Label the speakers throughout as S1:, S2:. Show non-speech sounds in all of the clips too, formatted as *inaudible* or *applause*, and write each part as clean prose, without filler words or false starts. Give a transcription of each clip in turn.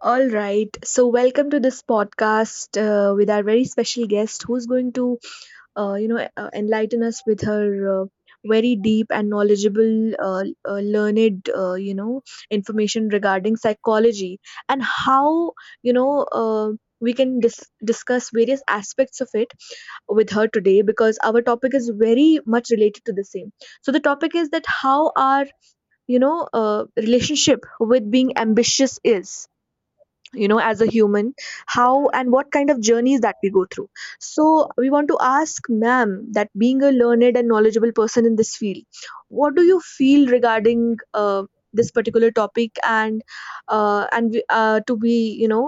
S1: All right. So welcome to this podcast with our very special guest, who's going to enlighten us with her uh, very deep and knowledgeable, learned, information regarding psychology and how, you know. Uh, we can discuss various aspects of it with her today, because our topic is very much related to the same. So the topic is that how our relationship with being ambitious is, as a human, how and what kind of journeys that we go through. So we want to ask ma'am, that being a learned and knowledgeable person in this field, what do you feel regarding this particular topic? And to be, you know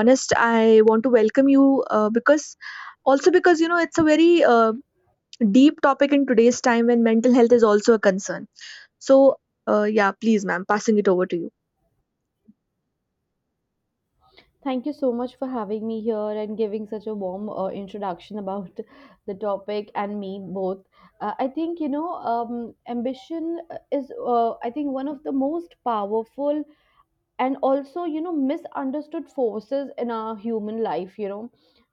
S1: honest, I want to welcome you because, also because, it's a very deep topic in today's time when mental health is also a concern. So yeah, please ma'am, passing it over to you.
S2: Thank you so much for having me here and giving such a warm introduction about *laughs* the topic and me both. I think, ambition is, I think, one of the most powerful and also misunderstood forces in our human life.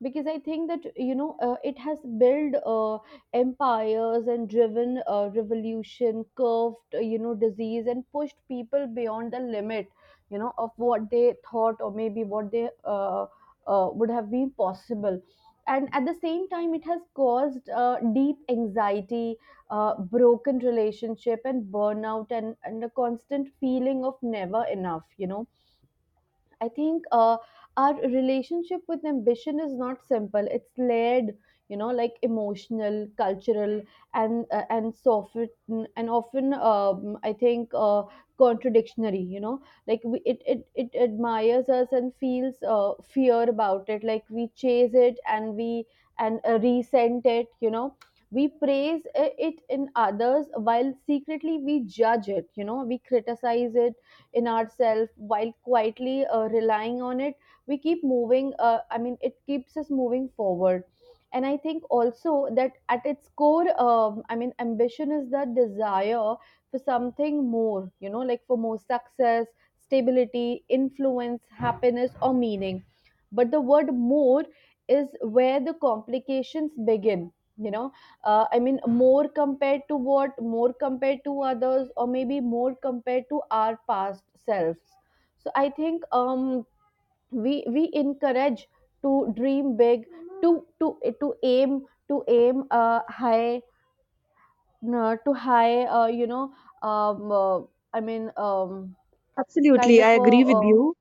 S2: Because I think that it has built empires and driven revolution, curved disease, and pushed people beyond the limit of what they thought, or maybe what they would have been possible. And at the same time, it has caused deep anxiety, broken relationship, and burnout, and a constant feeling of never enough. I think. Our relationship with ambition is not simple. It's layered, like emotional, cultural, and so often and often, I think, contradictionary. Like we, it admires us and feels fear about it. Like we chase it, and we and resent it. We praise it in others while secretly we judge it, we criticize it in ourselves while quietly relying on it. We keep moving I mean, it keeps us moving forward. And I think also that at its core, I mean, ambition is the desire for something more, like for more success, stability, influence, happiness, or meaning. But the word more is where the complications begin you know I mean, more compared to what, more compared to others, or maybe more compared to our past selves. So I think we encourage to dream big, to aim, to aim high, to high you know um, uh, I mean kind
S1: Absolutely,
S2: of
S1: I
S2: a
S1: agree with
S2: uh,
S1: you.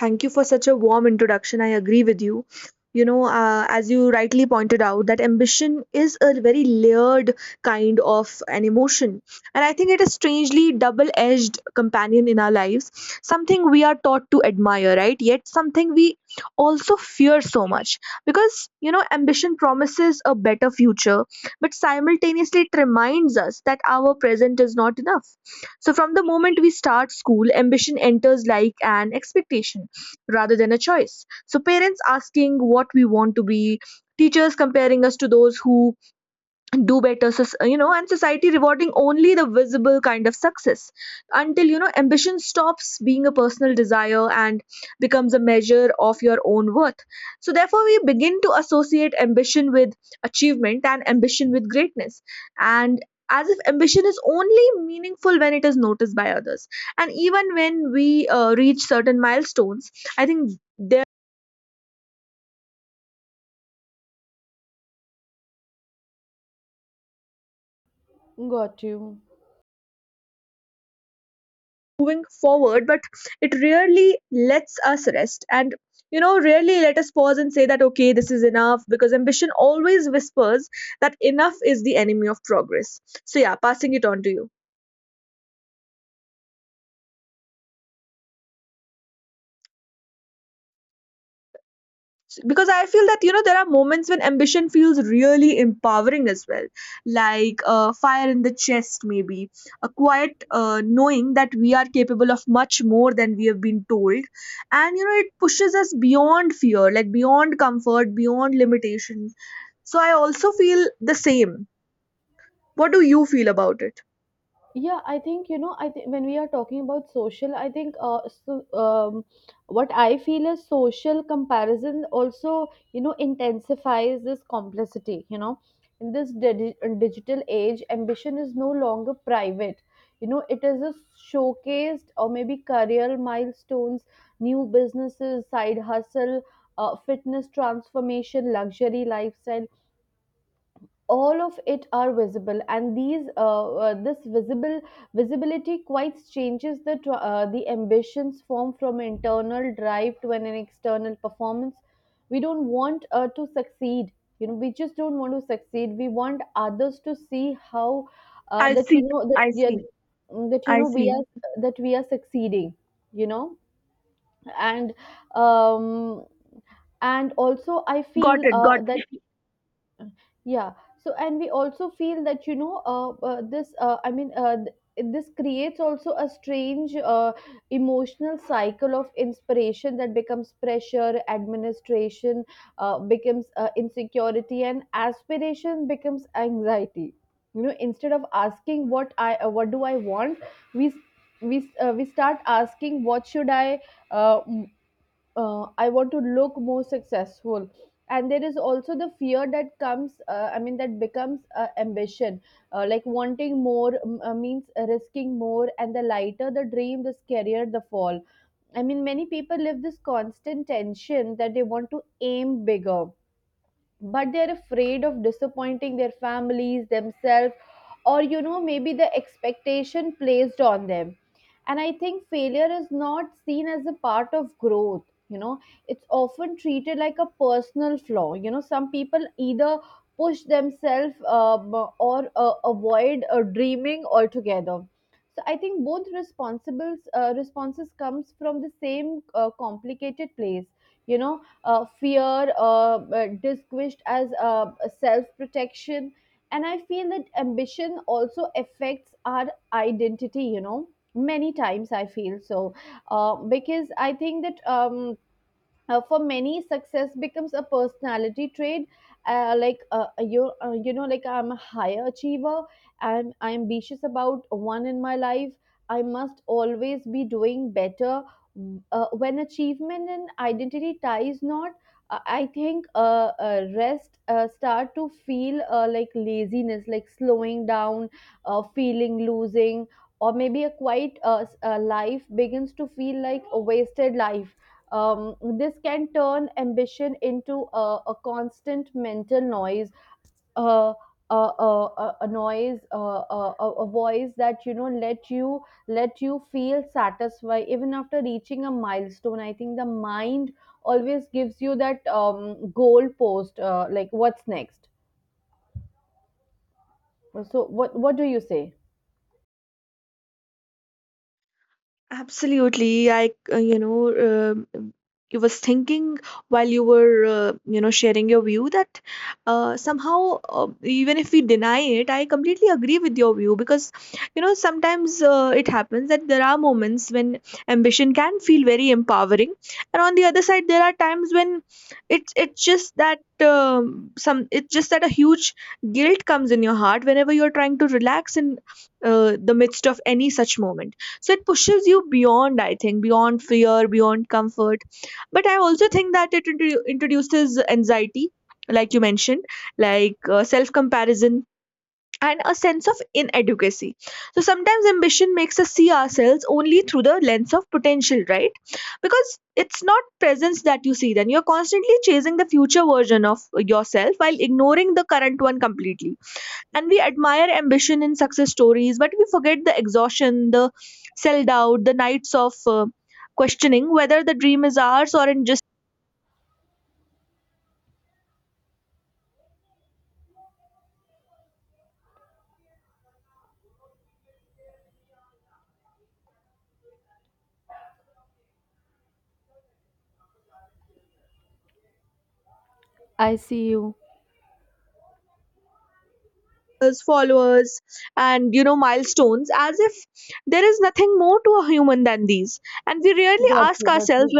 S1: Thank you for such a warm introduction. I agree with you. You know, as you rightly pointed out, that ambition is a very layered kind of an emotion. And I think it is strangely double edged companion in our lives, something we are taught to admire, right? Yet something we also fear so much. Because, you know, ambition promises a better future, but simultaneously it reminds us that our present is not enough. So from the moment we start school, ambition enters like an expectation rather than a choice. So parents asking what we want to be, teachers comparing us to those who do better, and society rewarding only the visible kind of success, until, ambition stops being a personal desire and becomes a measure of your own worth. So therefore we begin to associate ambition with achievement, and ambition with greatness, and as if ambition is only meaningful when it is noticed by others. And even when we reach certain milestones, I think,
S2: got you.
S1: moving forward, but it rarely lets us rest, and, rarely let us pause and say that okay, this is enough, because ambition always whispers that enough is the enemy of progress. So yeah, passing it on to you, because I feel that, there are moments when ambition feels really empowering as well, like a fire in the chest, maybe a quiet knowing that we are capable of much more than we have been told, and, it pushes us beyond fear, like beyond comfort, beyond limitations. So I also feel the same. What do you feel about it?
S2: Yeah, I think I think, when we are talking about social, I think, what I feel is social comparison also intensifies this complexity. In this digital age, ambition is no longer private. It is a showcased, or maybe career milestones, new businesses, side hustle, fitness transformation, luxury lifestyle. All of it are visible, and these this visible visibility quite changes the the ambitions form from internal drive to an external performance. We don't want to succeed. We just don't want to succeed, we want others to see how,
S1: I
S2: that you
S1: see.
S2: know that
S1: I
S2: yeah,
S1: see.
S2: that
S1: I
S2: we
S1: see.
S2: are, that we are succeeding. you know and um also I
S1: Got
S2: feel
S1: it. Got.
S2: that, yeah. So, and we also feel that, you know this I mean, this creates also a strange emotional cycle of inspiration that becomes pressure, administration becomes insecurity, and aspiration becomes anxiety. Instead of asking what I what do I want, we s- we start asking what should uh, I want to look more successful. And there is also the fear that comes, I mean, that becomes ambition. Like wanting more, means risking more, and the lighter the dream, the scarier the fall. I mean, many people live this constant tension that they want to aim bigger, but they're afraid of disappointing their families, themselves, or maybe the expectation placed on them. And I think failure is not seen as a part of growth you know it's often treated like a personal flaw. Some people either push themselves, or avoid dreaming altogether. So I think both responsibles responses comes from the same complicated place you know Fear, disguised as self protection. And I feel that ambition also affects our identity, many times I feel so. Because I think that. For many, success becomes a personality trait, like, like I'm a higher achiever, I'm ambitious about one in my life, I must always be doing better. When achievement and identity ties not, I think rest start to feel like laziness, like slowing down, feeling losing, or maybe a quiet life begins to feel like a wasted life. This can turn ambition into a constant mental noise, uh, a noise, a voice that let you feel satisfied even after reaching a milestone. I think the mind always gives you that goal post, like what's next. So, what do you say?
S1: Absolutely. Um you was thinking while you were, sharing your view that somehow, even if we deny it, I completely agree with your view because, sometimes it happens that there are moments when ambition can feel very empowering, and on the other side, there are times when it's just that, some, it's just that a huge guilt comes in your heart whenever you're trying to relax in the midst of any such moment. So it pushes you beyond, I think, beyond fear, beyond comfort, but I also think that it introduces anxiety, like you mentioned, like self comparison and a sense of inadequacy. So sometimes ambition makes us see ourselves only through the lens of potential, right? Because it's not presence that you see, then you're constantly chasing the future version of yourself while ignoring the current one completely. And we admire ambition in success stories, but we forget the exhaustion, the self doubt, the nights of questioning whether the dream is ours or in just
S2: I see you.
S1: us, followers and, milestones, as if there is nothing more to a human than these. and we rarely
S2: Got
S1: ask
S2: you, got you.
S1: ourselves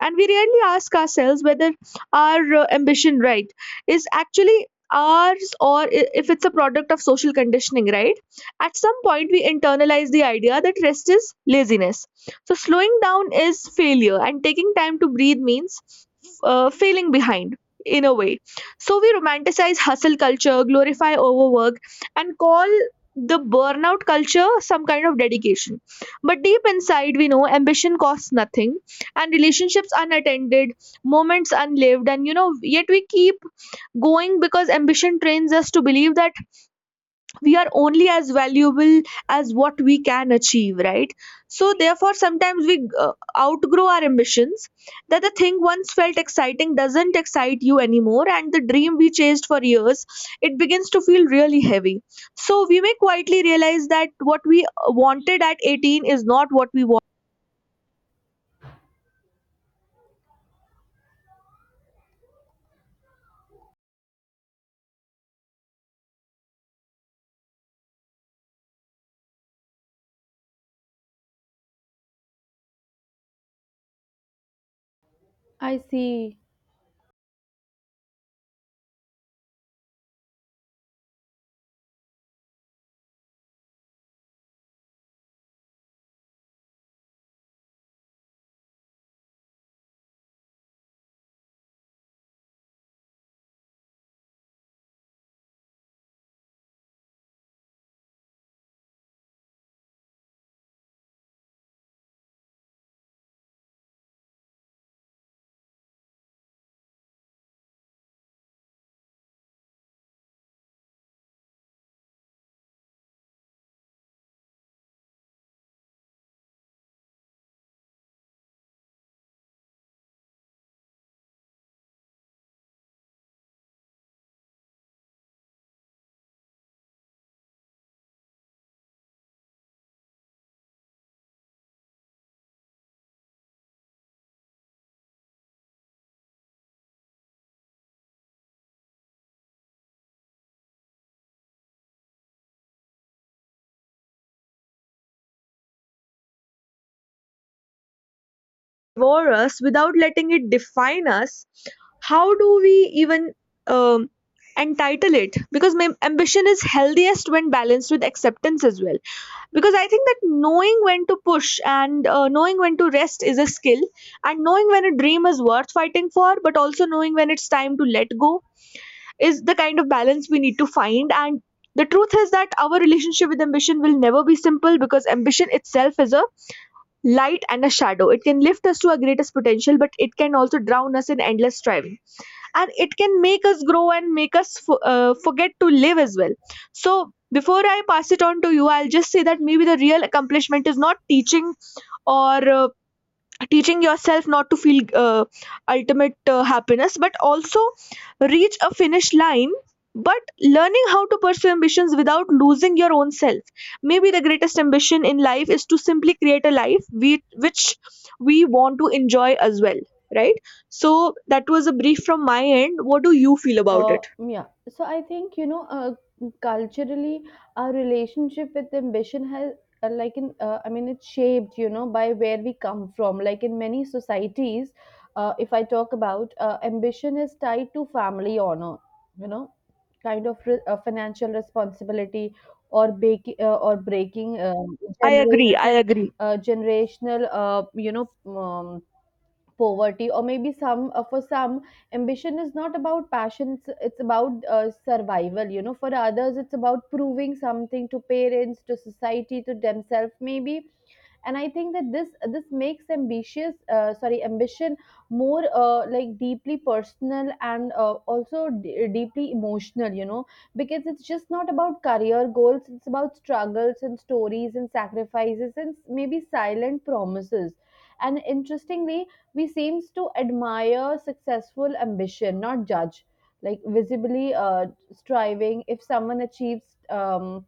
S1: and we rarely ask ourselves whether our ambition, right, is actually ours, or if it's a product of social conditioning, right? At some point we internalize the idea that rest is laziness, so slowing down is failure and taking time to breathe means failing behind, in a way. So we romanticize hustle culture, glorify overwork, and call the burnout culture some kind of dedication. But deep inside we know ambition costs nothing and relationships unattended, moments unlived, and, yet we keep going because ambition trains us to believe that we are only as valuable as what we can achieve, right? So therefore, sometimes we outgrow our ambitions, that the thing once felt exciting doesn't excite you anymore, and the dream we chased for years, it begins to feel really heavy. So we may quietly realize that what we wanted at 18 is not what we
S2: I see.
S1: war us without letting it define us. How do we even, um, entitle it? Because my ambition is healthiest when balanced with acceptance as well, because I think that knowing when to push and, knowing when to rest is a skill, and knowing when a dream is worth fighting for, but also knowing when it's time to let go is the kind of balance we need to find. And the truth is that our relationship with ambition will never be simple, because ambition itself is a light and a shadow. It can lift us to our greatest potential, but it can also drown us in endless striving. And it can make us grow and make us forget to live as well. So before I pass it on to you, I'll just say that maybe the real accomplishment is not teaching or teaching yourself not to feel ultimate happiness but also reach a finish line, but learning how to pursue ambitions without losing your own self. Maybe the greatest ambition in life is to simply create a life we, which we want to enjoy as well, right? So that was a brief from my end. What do you feel about it?
S2: Yeah. So I think, culturally, our relationship with ambition I mean, it's shaped, by where we come from. Like in many societies, if I talk about, ambition is tied to family honor, you know, kind of financial responsibility, or baking or breaking
S1: I agree, I
S2: generational,
S1: agree.
S2: generational, um, poverty, or maybe some for some, ambition is not about passion, it's about survival. For others, it's about proving something to parents, to society, to themselves maybe. And I think that this makes ambitious sorry ambition more, like deeply personal, and also deeply emotional. Because it's just not about career goals, it's about struggles and stories and sacrifices and maybe silent promises. And interestingly, we seems to admire successful ambition, not judge, like visibly striving. If someone achieves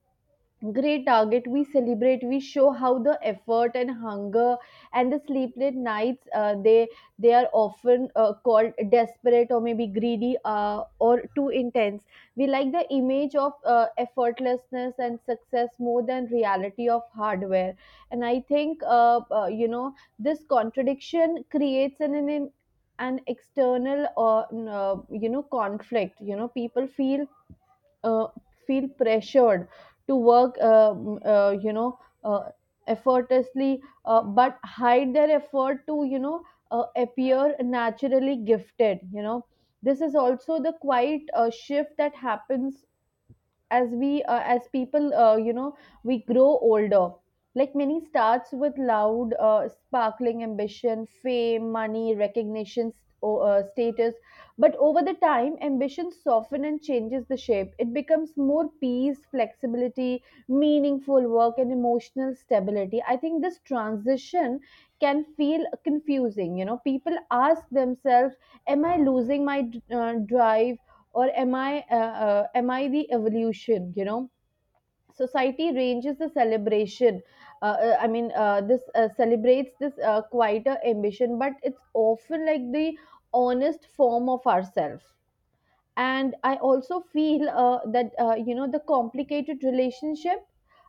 S2: great target, we celebrate, we show how, the effort and hunger and the sleepless nights, they are often called desperate, or maybe greedy, or too intense. We like the image of effortlessness and success more than reality of hardware. And I think, this contradiction creates an an external or conflict. People feel uh, feel pressured to work, uh, effortlessly, but hide their effort to, appear naturally gifted. This is also the quiet shift that happens as we as people, we grow older. Like many starts with loud sparkling ambition, fame, money, recognition, or status. But over the time, ambition soften and changes the shape, it becomes more peace, flexibility, meaningful work, and emotional stability. I think this transition can feel confusing. People ask themselves, am I losing my drive, or am I the evolution. Society ranges the celebration, I mean this celebrates this quieter ambition, but it's often like the honest form of ourselves. And I also feel that, the complicated relationship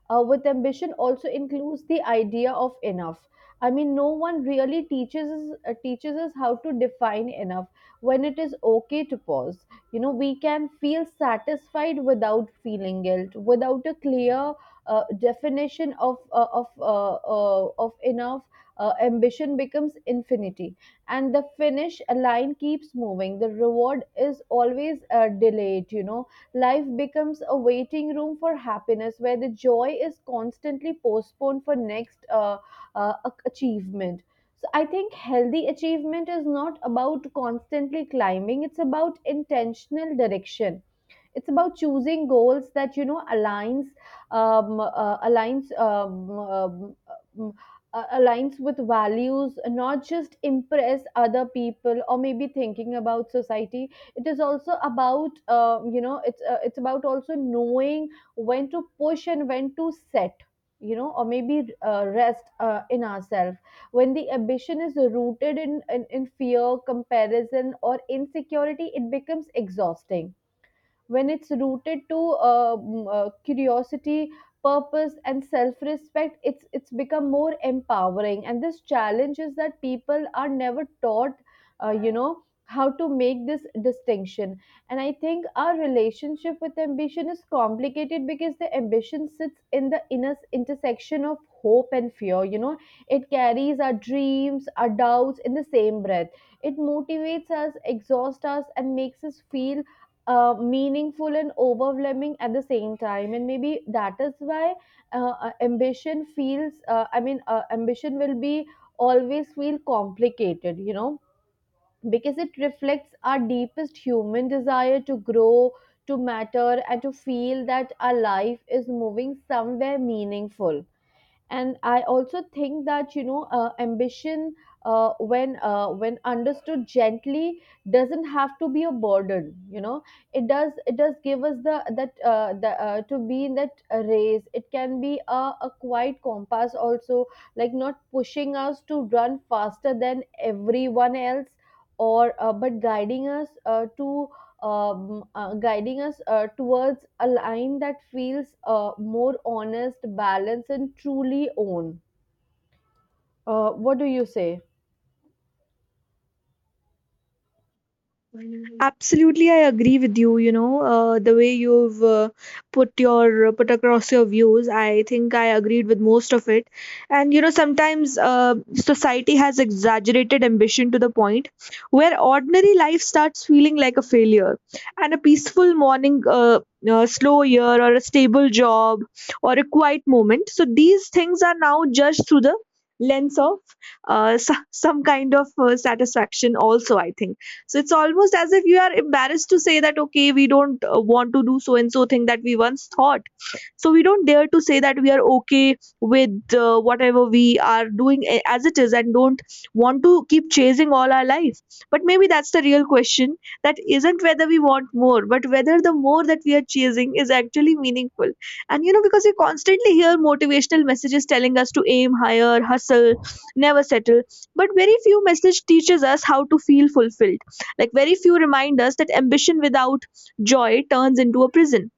S2: with ambition also includes the idea of enough. I mean, no one really teaches teaches us how to define enough, when it is okay to pause. We can feel satisfied without feeling guilt, without a clear definition of, of enough. Ambition becomes infinity, and the finish line keeps moving, the reward is always delayed. Life becomes a waiting room for happiness, where the joy is constantly postponed for next achievement. So I think healthy achievement is not about constantly climbing, it's about intentional direction. It's about choosing goals that aligns, um, uh, aligns um, um, aligns with values, not just impress other people, or maybe thinking about society. It is also about, it's about also knowing when to push and when to set. Or maybe rest in ourselves. When the ambition is rooted in in fear, comparison, or insecurity, it becomes exhausting. When it's rooted to curiosity, purpose, and self-respect, it's become more empowering. And this challenge is that people are never taught uh, you know how to make this distinction. And I think our relationship with ambition is complicated, because the ambition sits in the inner intersection of hope and fear. It carries our dreams, our doubts, in the same breath. It motivates us, exhausts us, and makes us feel meaningful and overwhelming at the same time. And maybe that is why, ambition feels, ambition will be always feel complicated. Because it reflects our deepest human desire to grow, to matter, and to feel that our life is moving somewhere meaningful. And I also think that, ambition, when, when understood gently, doesn't have to be a burden. It does, it does give us the, that the to be in that race. It can be a quiet compass also, like not pushing us to run faster than everyone else, or but guiding us towards a line that feels more honest, balanced, and truly own. What do you say?
S1: Absolutely, I agree with you. You know, the way you've put your put across your views, I think I agreed with most of it. And you know, sometimes society has exaggerated ambition to the point where ordinary life starts feeling like a failure. And a peaceful morning, a slow year, or a stable job, or a quiet moment. So these things are now judged through the lens of *laughs* some kind of satisfaction. Also, I think, so it's almost as if you are embarrassed to say that, okay, we don't want to do so and so thing that we once thought. So we don't dare to say that we are okay with whatever we are doing as it is and don't want to keep chasing all our life. But maybe that's the real question, that isn't whether we want more but whether the more that we are chasing is actually meaningful. And, you know, because we constantly hear motivational messages telling us to aim higher, hustle, never settle, but very few message teaches us how to feel fulfilled, like very few remind us that ambition without joy turns into a prison,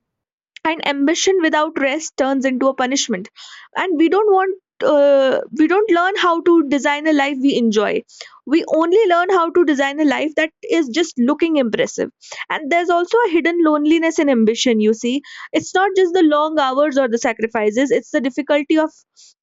S1: and ambition without rest turns into a punishment. And we don't learn how to design a life we enjoy, we only learn how to design a life that is just looking impressive. And there's also a hidden loneliness in ambition, you see. It's not just the long hours or the sacrifices, it's the difficulty of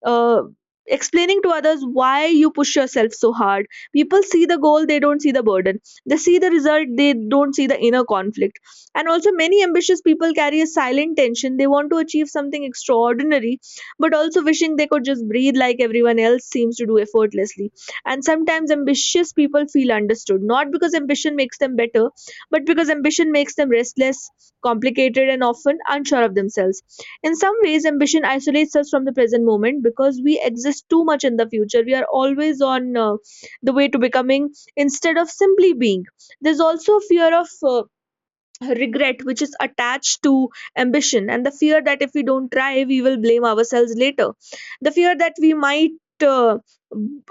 S1: uh, explaining to others why you push yourself so hard. People see the goal, they don't see the burden. They see the result, they don't see the inner conflict. And also many ambitious people carry a silent tension, they want to achieve something extraordinary but also wishing they could just breathe like everyone else seems to do effortlessly. And sometimes ambitious people feel understood, not because ambition makes them better, but because ambition makes them restless, complicated, and often unsure of themselves. In some ways ambition isolates us from the present moment because we exist too much in the future, we are always on the way to becoming instead of simply being. There's also fear of regret which is attached to ambition, and the fear that if we don't try we will blame ourselves later, the fear that we might uh,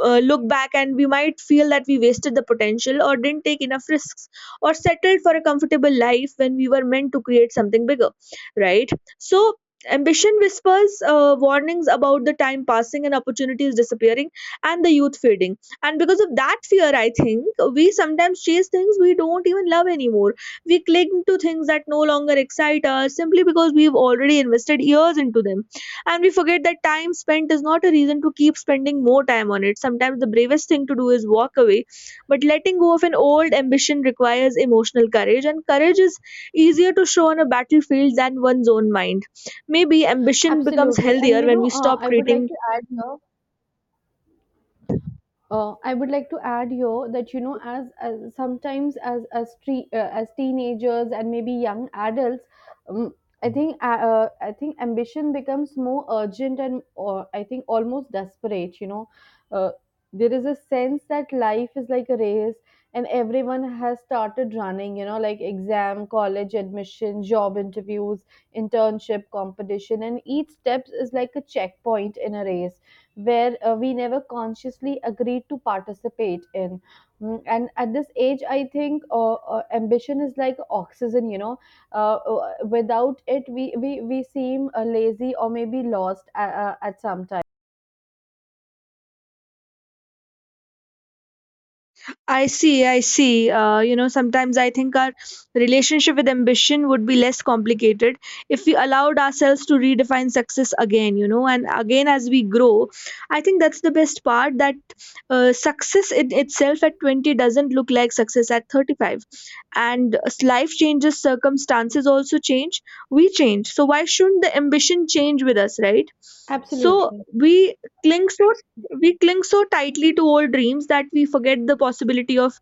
S1: look back and we might feel that we wasted the potential or didn't take enough risks, or settled for a comfortable life when we were meant to create something bigger, right? So ambition whispers warnings about the time passing and opportunities disappearing and the youth fading. And because of that fear, I think, we sometimes chase things we don't even love anymore, we cling to things that no longer excite us simply because we've already invested years into them. And we forget that time spent is not a reason to keep spending more time on it. Sometimes the bravest thing to do is walk away. But letting go of an old ambition requires emotional courage, and courage is easier to show on a battlefield than one's own mind. Maybe ambition becomes
S2: Absolutely. And
S1: healthier
S2: you
S1: when
S2: know,
S1: we stop
S2: I would like
S1: treating.
S2: to add here. I would like to add here that you know, as sometimes as teenagers and maybe young adults, um, I think ambition becomes more urgent and, or I think, almost desperate. You know, uh, there is a sense that life is like a race, and everyone has started running. You know, like exam, college admission, job interviews, internship, competition, and each step is like a checkpoint in a race where we never consciously agreed to participate in. And at this age I think ambition is like oxygen. You know, without it we seem lazy or maybe lost at some time.
S1: I see, I see. You know, sometimes I think our relationship with ambition would be less complicated if we allowed ourselves to redefine success again, you know, and again as we grow. I think that's the best part, that success in itself at 20 doesn't look like success at 35. And as life changes, circumstances also change, we change. So why shouldn't the ambition change with us, right? So,
S2: Absolutely.
S1: we cling so we cling so tightly to old dreams that we forget the possibility of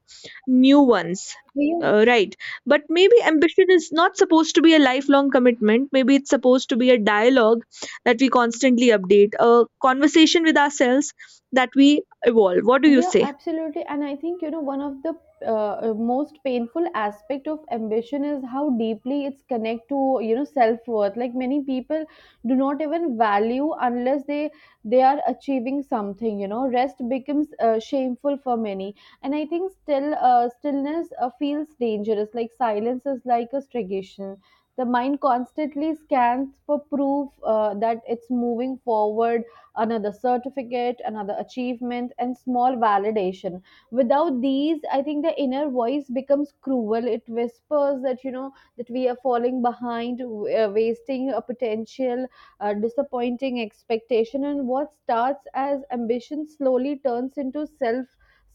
S1: new ones.
S2: Do you.
S1: Right. But maybe ambition is not supposed to be a lifelong commitment. Maybe it's supposed to be a dialogue that we constantly update, a conversation with ourselves that we evolve. What do you
S2: Yeah,
S1: say?
S2: absolutely. And I think, you know, one of the most painful aspect of ambition is how deeply it's connect to, you know, self-worth. Like many people do not even value unless they are achieving something, you know. Rest becomes shameful for many. And I think stillness feels dangerous. Like silence is like a suggestion. The mind constantly scans for proof that it's moving forward, another certificate, another achievement, and small validation. Without these, I think the inner voice becomes cruel. It whispers that, you know, that we are falling behind, wasting a potential, disappointing expectation. And what starts as ambition slowly turns into self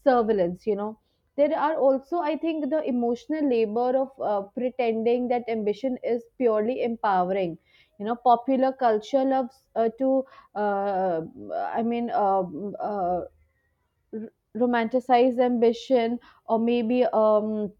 S2: surveillance, you know. There are also I think the emotional labor of pretending that ambition is purely empowering. You know, popular culture loves to, uh, I mean, romanticized ambition, or maybe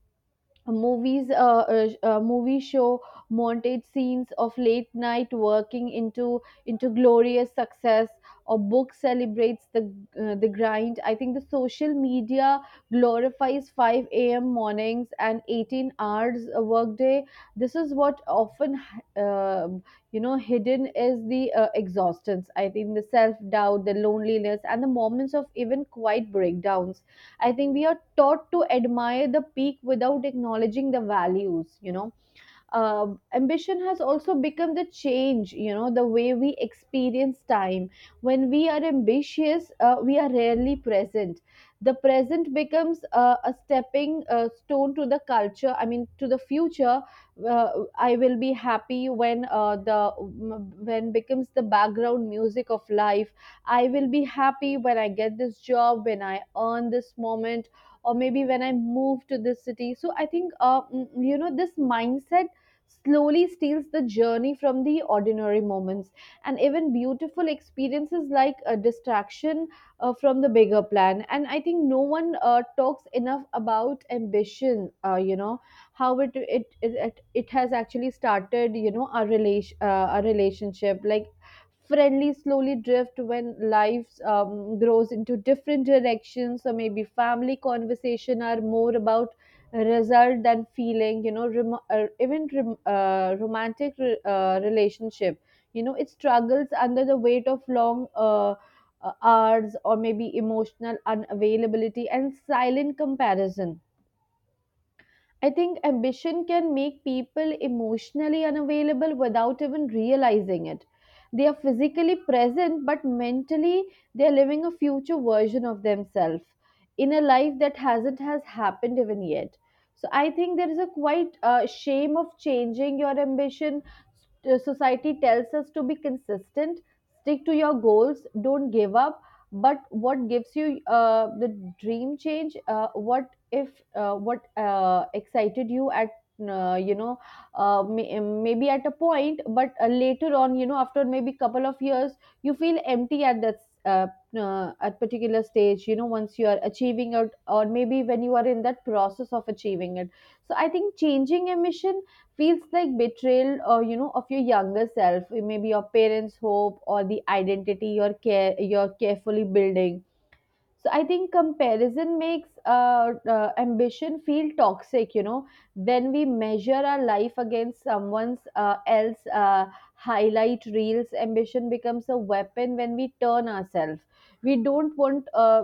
S2: movies uh, movies show montage scenes of late night working into glorious success, or book celebrates the grind. I think the social media glorifies 5 a.m. mornings and 18 hours a workday. This is what often, uh, you know, hidden is the exhaustion, I think, the self doubt, the loneliness, and the moments of even quiet breakdowns. I think we are taught to admire the peak without acknowledging the values, you know. uh, Ambition has also become the change, you know, the way we experience time. When we are ambitious, we are rarely present. The present becomes a stepping stone to the culture, I mean, to the future. uh, I will be happy when, the "when" becomes the background music of life. I will be happy when I get this job, when I earn this moment, or maybe when I move to this city. So I think, you know, this mindset slowly steals the journey from the ordinary moments, and even beautiful experiences like a distraction from the bigger plan. And I think no one talks enough about ambition, you know, how it has actually started, you know, our relationship like friendly slowly drift when life grows into different directions. So maybe family conversation are more about result than feeling, you know, even romantic relationship. You know, it struggles under the weight of long hours or maybe emotional unavailability and silent comparison. I think ambition can make people emotionally unavailable without even realizing it. They are physically present, but mentally they are living a future version of themselves in a life that hasn't has happened even yet. So I think there is a quite shame of changing your ambition. Society tells us to be consistent, stick to your goals, don't give up, but what gives you the dream change. What if what excited you at, you know, maybe at a point, but later on, you know, after maybe couple of years, you feel empty at that, uh, at particular stage, you know, once you are achieving it or maybe when you are in that process of achieving it. So I think changing a mission feels like betrayal, or you know, of your younger self, maybe your parents hope, or the identity you're carefully building. So I think comparison makes ambition feel toxic, you know. When we measure our life against someone's else highlight reels, ambition becomes a weapon when we turn ourselves. We don't want, uh,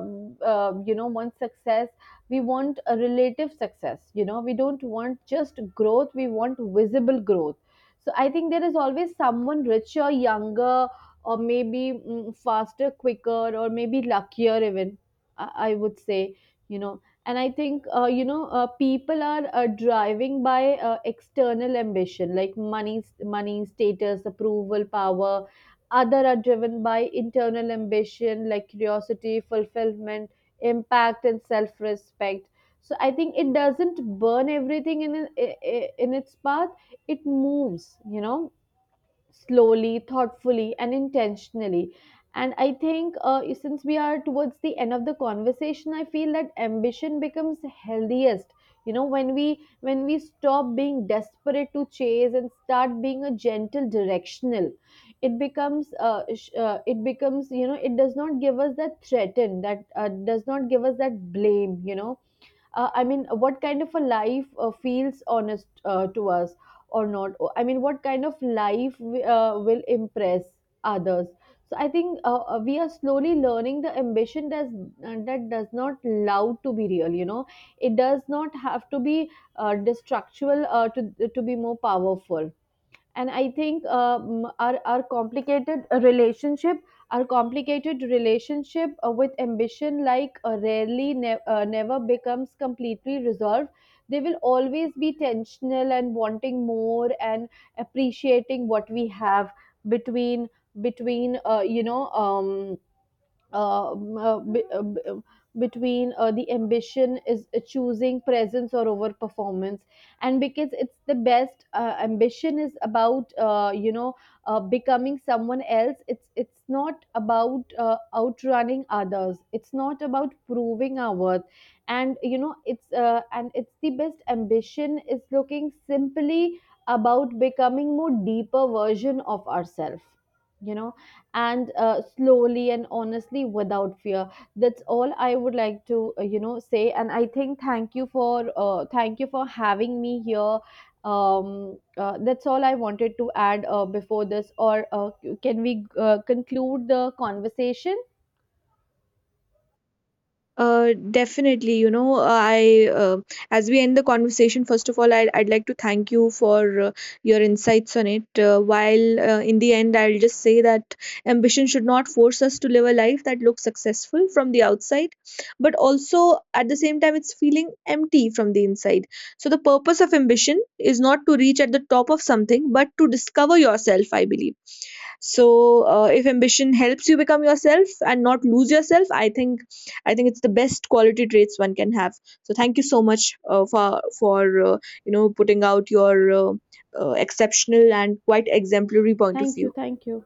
S2: uh, you know, want success. We want a relative success. You know, we don't want just growth, we want visible growth. So I think there is always someone richer, younger, or maybe faster, quicker, or maybe luckier even, I would say, you know. And I think, you know, people are driving by external ambition, like money, status, approval, power. Other are driven by internal ambition, like curiosity, fulfillment, impact, and self-respect. So I think it doesn't burn everything in its path. It moves, you know, slowly, thoughtfully, and intentionally. And I think, since we are towards the end of the conversation, I feel that ambition becomes healthiest. You know, when we stop being desperate to chase and start being a gentle directional, it becomes, it becomes, you know, it does not give us that threaten, that does not give us that blame. You know, I mean, what kind of a life feels honest to us or not. Oh, I mean, what kind of life will impress others. So I think, we are slowly learning the ambition does that does not allow to be real, you know. It does not have to be destructual to be more powerful. And I think, our complicated relationship with ambition, like, never becomes completely resolved. They will always be tensional and wanting more and appreciating what we have, between between you know uh, uh, be- uh, b- uh, between the ambition is choosing presence or over performance. And because it's the best, ambition is about, you know, becoming someone else. It's not about outrunning others, it's not about proving our worth. And you know, it's the best ambition is looking simply about becoming more deeper version of ourselves, you know, and slowly and honestly without fear. That's all I would like to, you know, say. And I think, thank you for having me here. That's all I wanted to add before this, or can we conclude the conversation?
S1: Definitely, you know, I as we end the conversation, first of all, I'd like to thank you for your insights on it. While In the end, I'll just say that ambition should not force us to live a life that looks successful from the outside, but also at the same time, it's feeling empty from the inside. So the purpose of ambition is not to reach at the top of something, but to discover yourself, I believe. So if ambition helps you become yourself and not lose yourself, I think, I think it's the best quality traits one can have. So thank you so much for putting out your exceptional and quite exemplary point of
S2: Thank you,
S1: view.
S2: thank you.